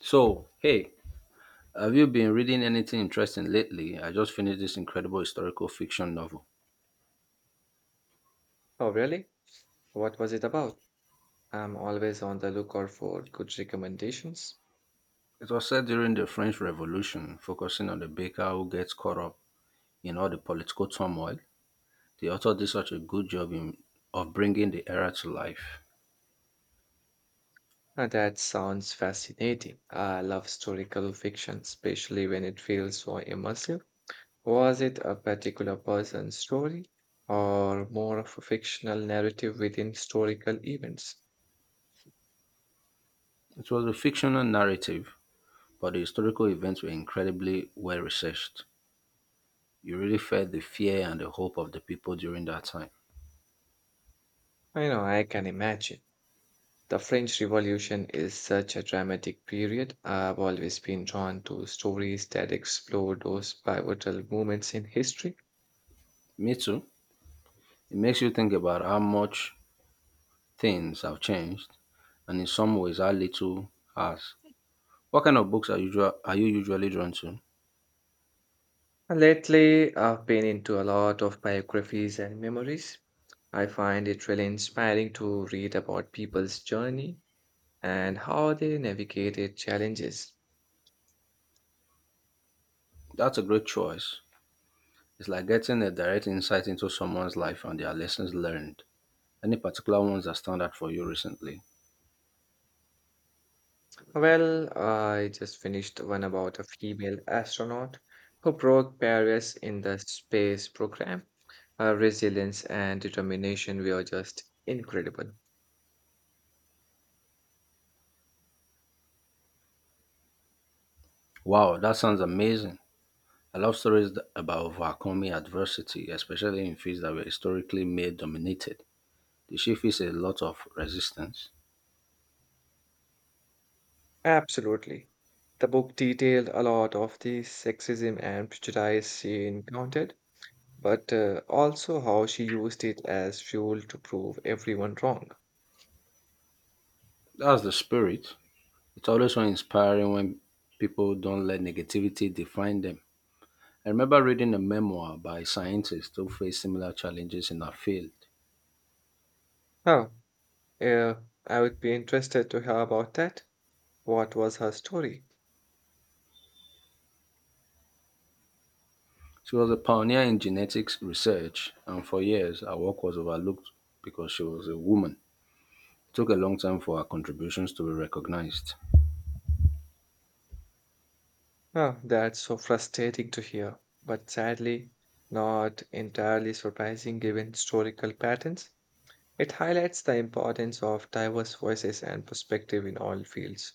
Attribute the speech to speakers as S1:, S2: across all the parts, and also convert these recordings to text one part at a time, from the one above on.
S1: So, hey, have you been reading anything interesting lately? I just finished this incredible historical fiction novel.
S2: Oh, really? What was it about? I'm always on the lookout for good recommendations.
S1: It was set during the French Revolution, focusing on the baker who gets caught up in all the political turmoil. The author did such a good job of bringing the era to life.
S2: That sounds fascinating. I love historical fiction, especially when it feels so immersive. Was it a particular person's story or more of a fictional narrative within historical events?
S1: It was a fictional narrative, but the historical events were incredibly well researched. You really felt the fear and the hope of the people during that time.
S2: I know, I can imagine. The French Revolution is such a dramatic period. I've always been drawn to stories that explore those pivotal moments in history.
S1: Me too. It makes you think about how much things have changed and in some ways how little has. What kind of books are you usually drawn to?
S2: Lately, I've been into a lot of biographies and memories. I find it really inspiring to read about people's journey and how they navigated challenges.
S1: That's a great choice. It's like getting a direct insight into someone's life and their lessons learned. Any particular ones that stand out for you recently?
S2: Well, I just finished one about a female astronaut who broke barriers in the space program. Her resilience and determination were just incredible.
S1: Wow, that sounds amazing. I love stories about overcoming adversity, especially in fields that were historically male dominated. The she face a lot of resistance.
S2: Absolutely. The book detailed a lot of the sexism and prejudice she encountered but also how she used it as fuel to prove everyone wrong.
S1: That's the spirit. It's always so inspiring when people don't let negativity define them. I remember reading a memoir by a scientist who faced similar challenges in her field.
S2: Huh. Yeah, I would be interested to hear about that. What was her story?
S1: She was a pioneer in genetics research, and for years her work was overlooked because she was a woman. It took a long time for her contributions to be recognized.
S2: Huh, that's so frustrating to hear, but sadly, not entirely surprising given historical patterns. It highlights the importance of diverse voices and perspective in all fields.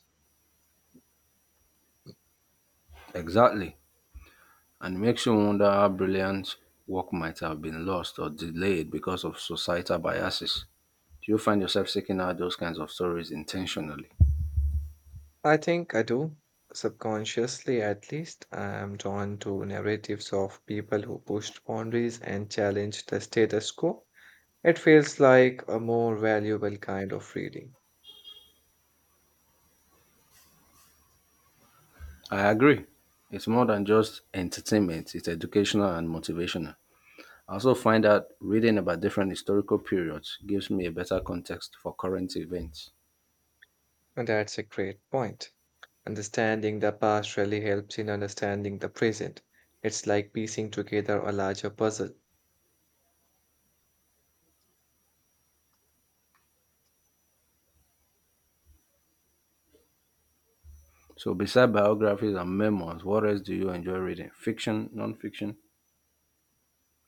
S1: Exactly, and it makes you wonder how brilliant work might have been lost or delayed because of societal biases. Do you find yourself seeking out those kinds of stories intentionally?
S2: I think I do. Subconsciously, at least, I am drawn to narratives of people who pushed boundaries and challenged the status quo. It feels like a more valuable kind of reading.
S1: I agree. It's more than just entertainment, it's educational and motivational. I also find that reading about different historical periods gives me a better context for current events.
S2: And that's a great point. Understanding the past really helps in understanding the present. It's like piecing together a larger puzzle.
S1: So, beside biographies and memoirs, what else do you enjoy reading? Fiction, non-fiction?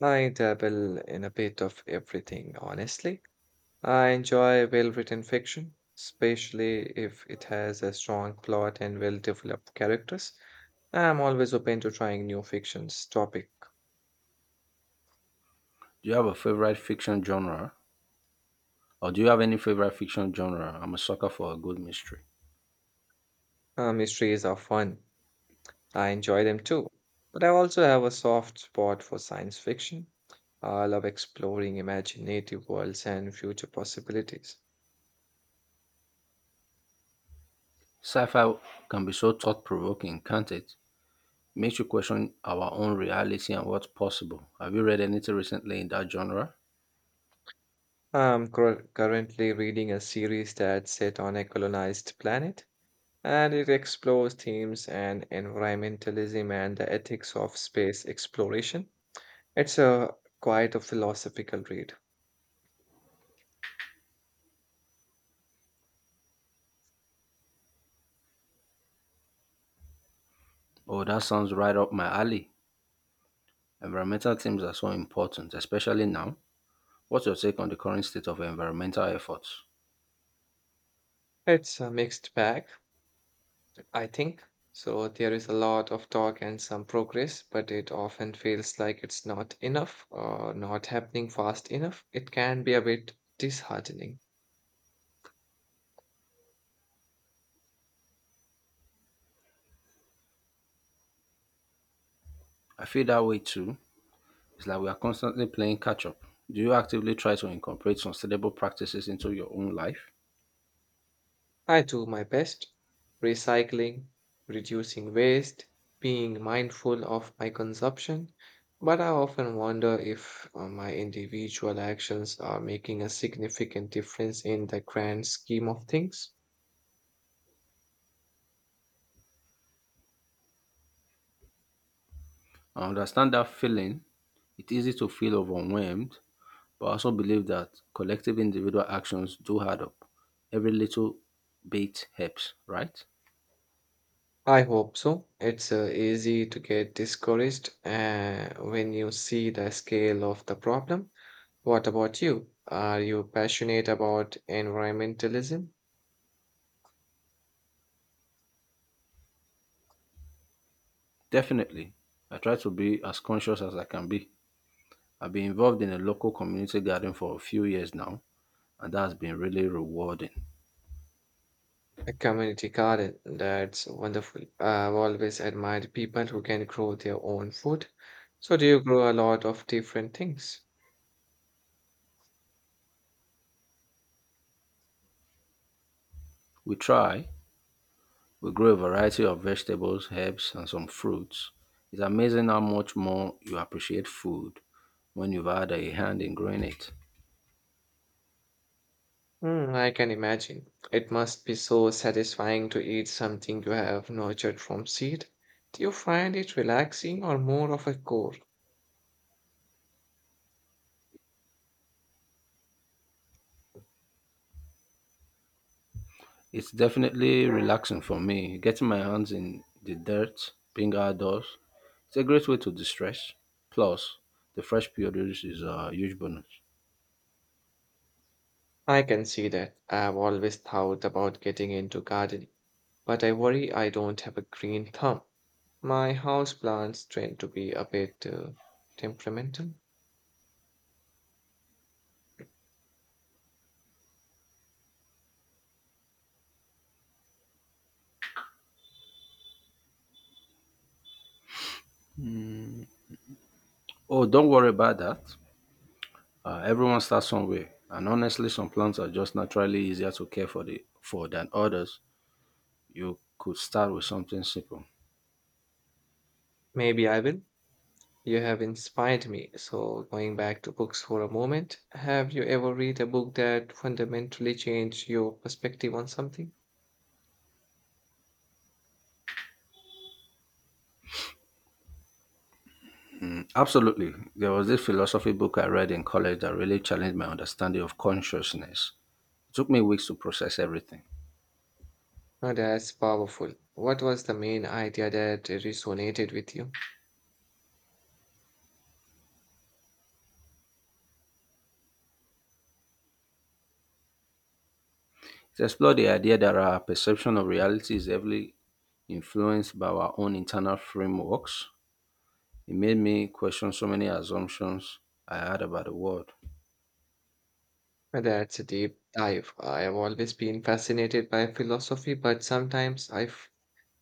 S2: I dabble in a bit of everything, honestly. I enjoy well-written fiction, especially if it has a strong plot and well-developed characters. I'm always open to trying new fictions topic.
S1: Do you have a favorite fiction genre? Or do you have any favorite fiction genre? I'm a sucker for a good mystery.
S2: Mysteries are fun. I enjoy them too. But I also have a soft spot for science fiction. I love exploring imaginative worlds and future possibilities.
S1: Sci fi can be so thought provoking, can't it? Makes you question our own reality and what's possible. Have you read anything recently in that genre?
S2: Currently reading a series that's set on a colonized planet, and it explores themes and environmentalism and the ethics of space exploration. It's a Quite a philosophical read.
S1: Oh, that sounds right up my alley. Environmental themes are so important, especially now. What's your take on the current state of environmental efforts?
S2: It's a mixed bag, I think. So there is a lot of talk and some progress, but it often feels like it's not enough or not happening fast enough. It can be a bit disheartening.
S1: I feel that way too. It's like we are constantly playing catch up. Do you actively try to incorporate sustainable practices into your own life?
S2: I do my best, recycling, reducing waste, being mindful of my consumption, but I often wonder if my individual actions are making a significant difference in the grand scheme of things.
S1: I understand that feeling. It's easy to feel overwhelmed, but I also believe that collective individual actions do add up. Every little bit helps, right?
S2: I hope so. It's easy to get discouraged when you see the scale of the problem. What about you? Are you passionate about environmentalism?
S1: Definitely. I try to be as conscious as I can be. I've been involved in a local community garden for a few years now, and that has been really rewarding.
S2: A community garden, that's wonderful. I've always admired people who can grow their own food. So, do you grow a lot of different things?
S1: We try, We grow a variety of vegetables, herbs, and some fruits. It's amazing how much more you appreciate food when you've had a hand in growing it.
S2: Hmm, I can imagine. It must be so satisfying to eat something you have nurtured from seed. Do you find it relaxing or more of a chore?
S1: It's definitely relaxing for me, getting my hands in the dirt, being outdoors. It's a great way to distress. Plus, the fresh produce is a huge bonus.
S2: I can see that. I've always thought about getting into gardening, but I worry I don't have a green thumb. My house plants tend to be a bit temperamental.
S1: Oh, don't worry about that. Everyone starts somewhere, and honestly, some plants are just naturally easier to care for the for than others. You could start with something simple.
S2: Maybe I will. You have inspired me. So, going back to books for a moment, have you ever read a book that fundamentally changed your perspective on something?
S1: Absolutely. There was this philosophy book I read in college that really challenged my understanding of consciousness. It took me weeks to process everything.
S2: Now that's powerful. What was the main idea that resonated with you?
S1: It explored the idea that our perception of reality is heavily influenced by our own internal frameworks. It made me question so many assumptions I had about the world.
S2: Now that's a deep dive. I have always been fascinated by philosophy, but sometimes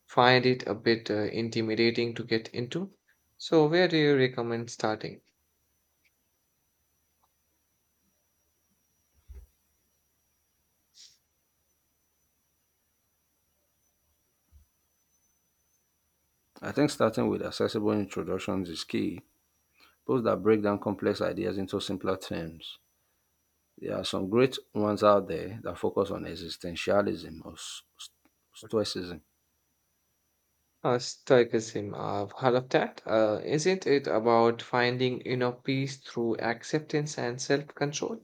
S2: find it a bit intimidating to get into. So, where do you recommend starting?
S1: I think starting with accessible introductions is key, those that break down complex ideas into simpler terms. There are some great ones out there that focus on existentialism or stoicism.
S2: Stoicism. I've heard of that. Isn't it about finding inner peace through acceptance and self-control?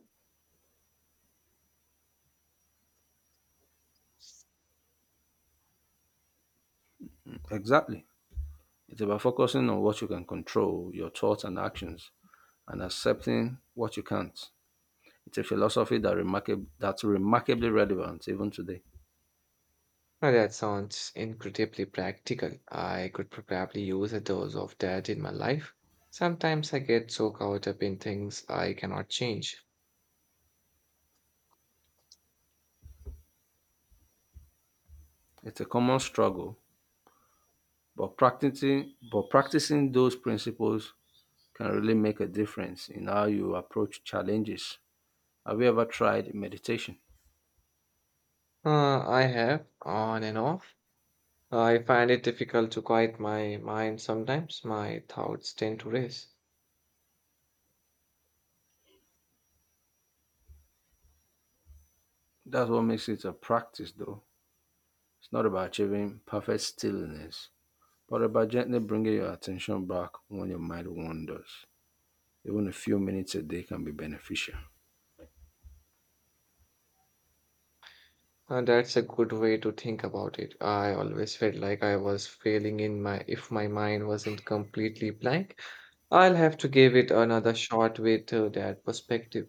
S1: Exactly. It's about focusing on what you can control, your thoughts and actions, and accepting what you can't. It's a philosophy that that's remarkably relevant even today.
S2: Now that sounds incredibly practical. I could probably use a dose of that in my life. Sometimes I get so caught up in things I cannot change.
S1: It's a common struggle, but practicing those principles can really make a difference in how you approach challenges. Have you ever tried meditation?
S2: I have, on and off. I find it difficult to quiet my mind sometimes. My thoughts tend to race.
S1: That's what makes it a practice though. It's not about achieving perfect stillness, but about gently bringing your attention back when your mind wanders. Even a few minutes a day can be beneficial.
S2: That's a good way to think about it. I always felt like I was failing in my if my mind wasn't completely blank. I'll have to give it another shot with that perspective.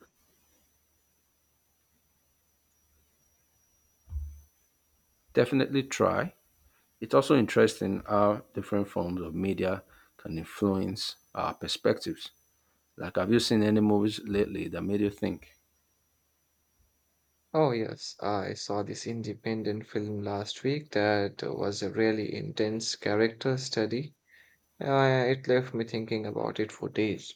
S1: Definitely try. It's also interesting how different forms of media can influence our perspectives. Like, have you seen any movies lately that made you think?
S2: Oh yes, I saw this independent film last week that was a really intense character study. It left me thinking about it for days.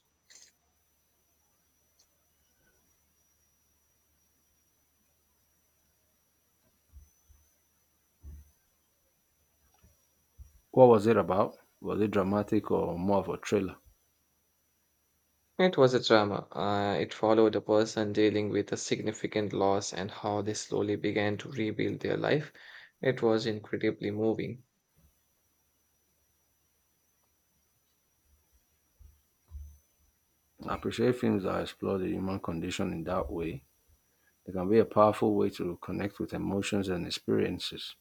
S1: What was it about? Was it dramatic or more of a thriller?
S2: It was a drama. It followed a person dealing with a significant loss and how they slowly began to rebuild their life. It was incredibly moving.
S1: I appreciate films that explore the human condition in that way. They can be a powerful way to connect with emotions and experiences.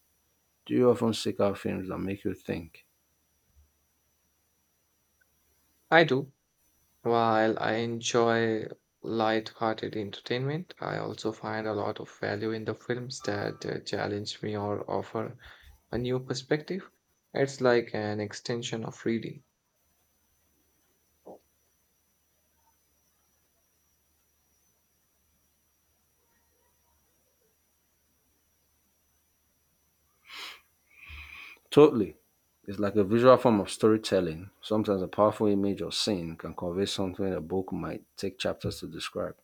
S1: Do you often seek out films that make you think?
S2: I do. While I enjoy light-hearted entertainment, I also find a lot of value in the films that challenge me or offer a new perspective. It's like an extension of reading.
S1: Totally. It's like a visual form of storytelling. Sometimes a powerful image or scene can convey something a book might take chapters to describe.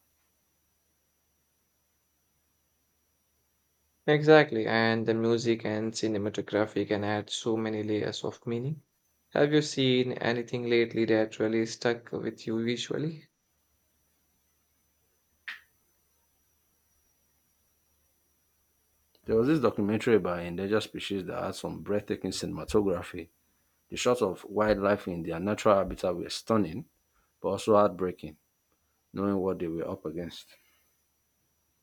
S2: Exactly, and the music and cinematography can add so many layers of meaning. Have you seen anything lately that really stuck with you visually?
S1: There was this documentary about endangered species that had some breathtaking cinematography. The shots of wildlife in their natural habitat were stunning, but also heartbreaking, knowing what they were up against.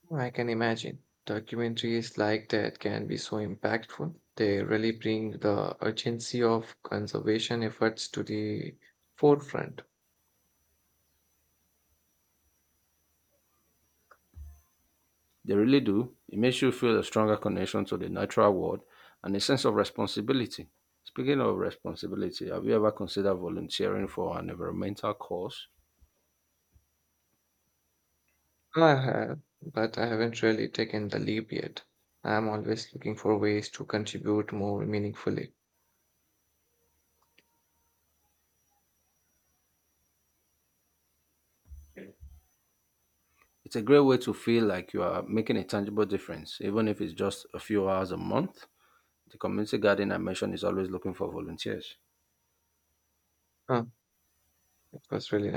S2: Well, I can imagine. Documentaries like that can be so impactful. They really bring the urgency of conservation efforts to the forefront.
S1: They really do. It makes you feel a stronger connection to the natural world and a sense of responsibility. Speaking of responsibility, have you ever considered volunteering for an environmental cause?
S2: I have, but I haven't really taken the leap yet. I'm always looking for ways to contribute more meaningfully.
S1: It's a great way to feel like you are making a tangible difference, even if it's just a few hours a month. The community garden I mentioned is always looking for volunteers.
S2: Huh, it was really nice.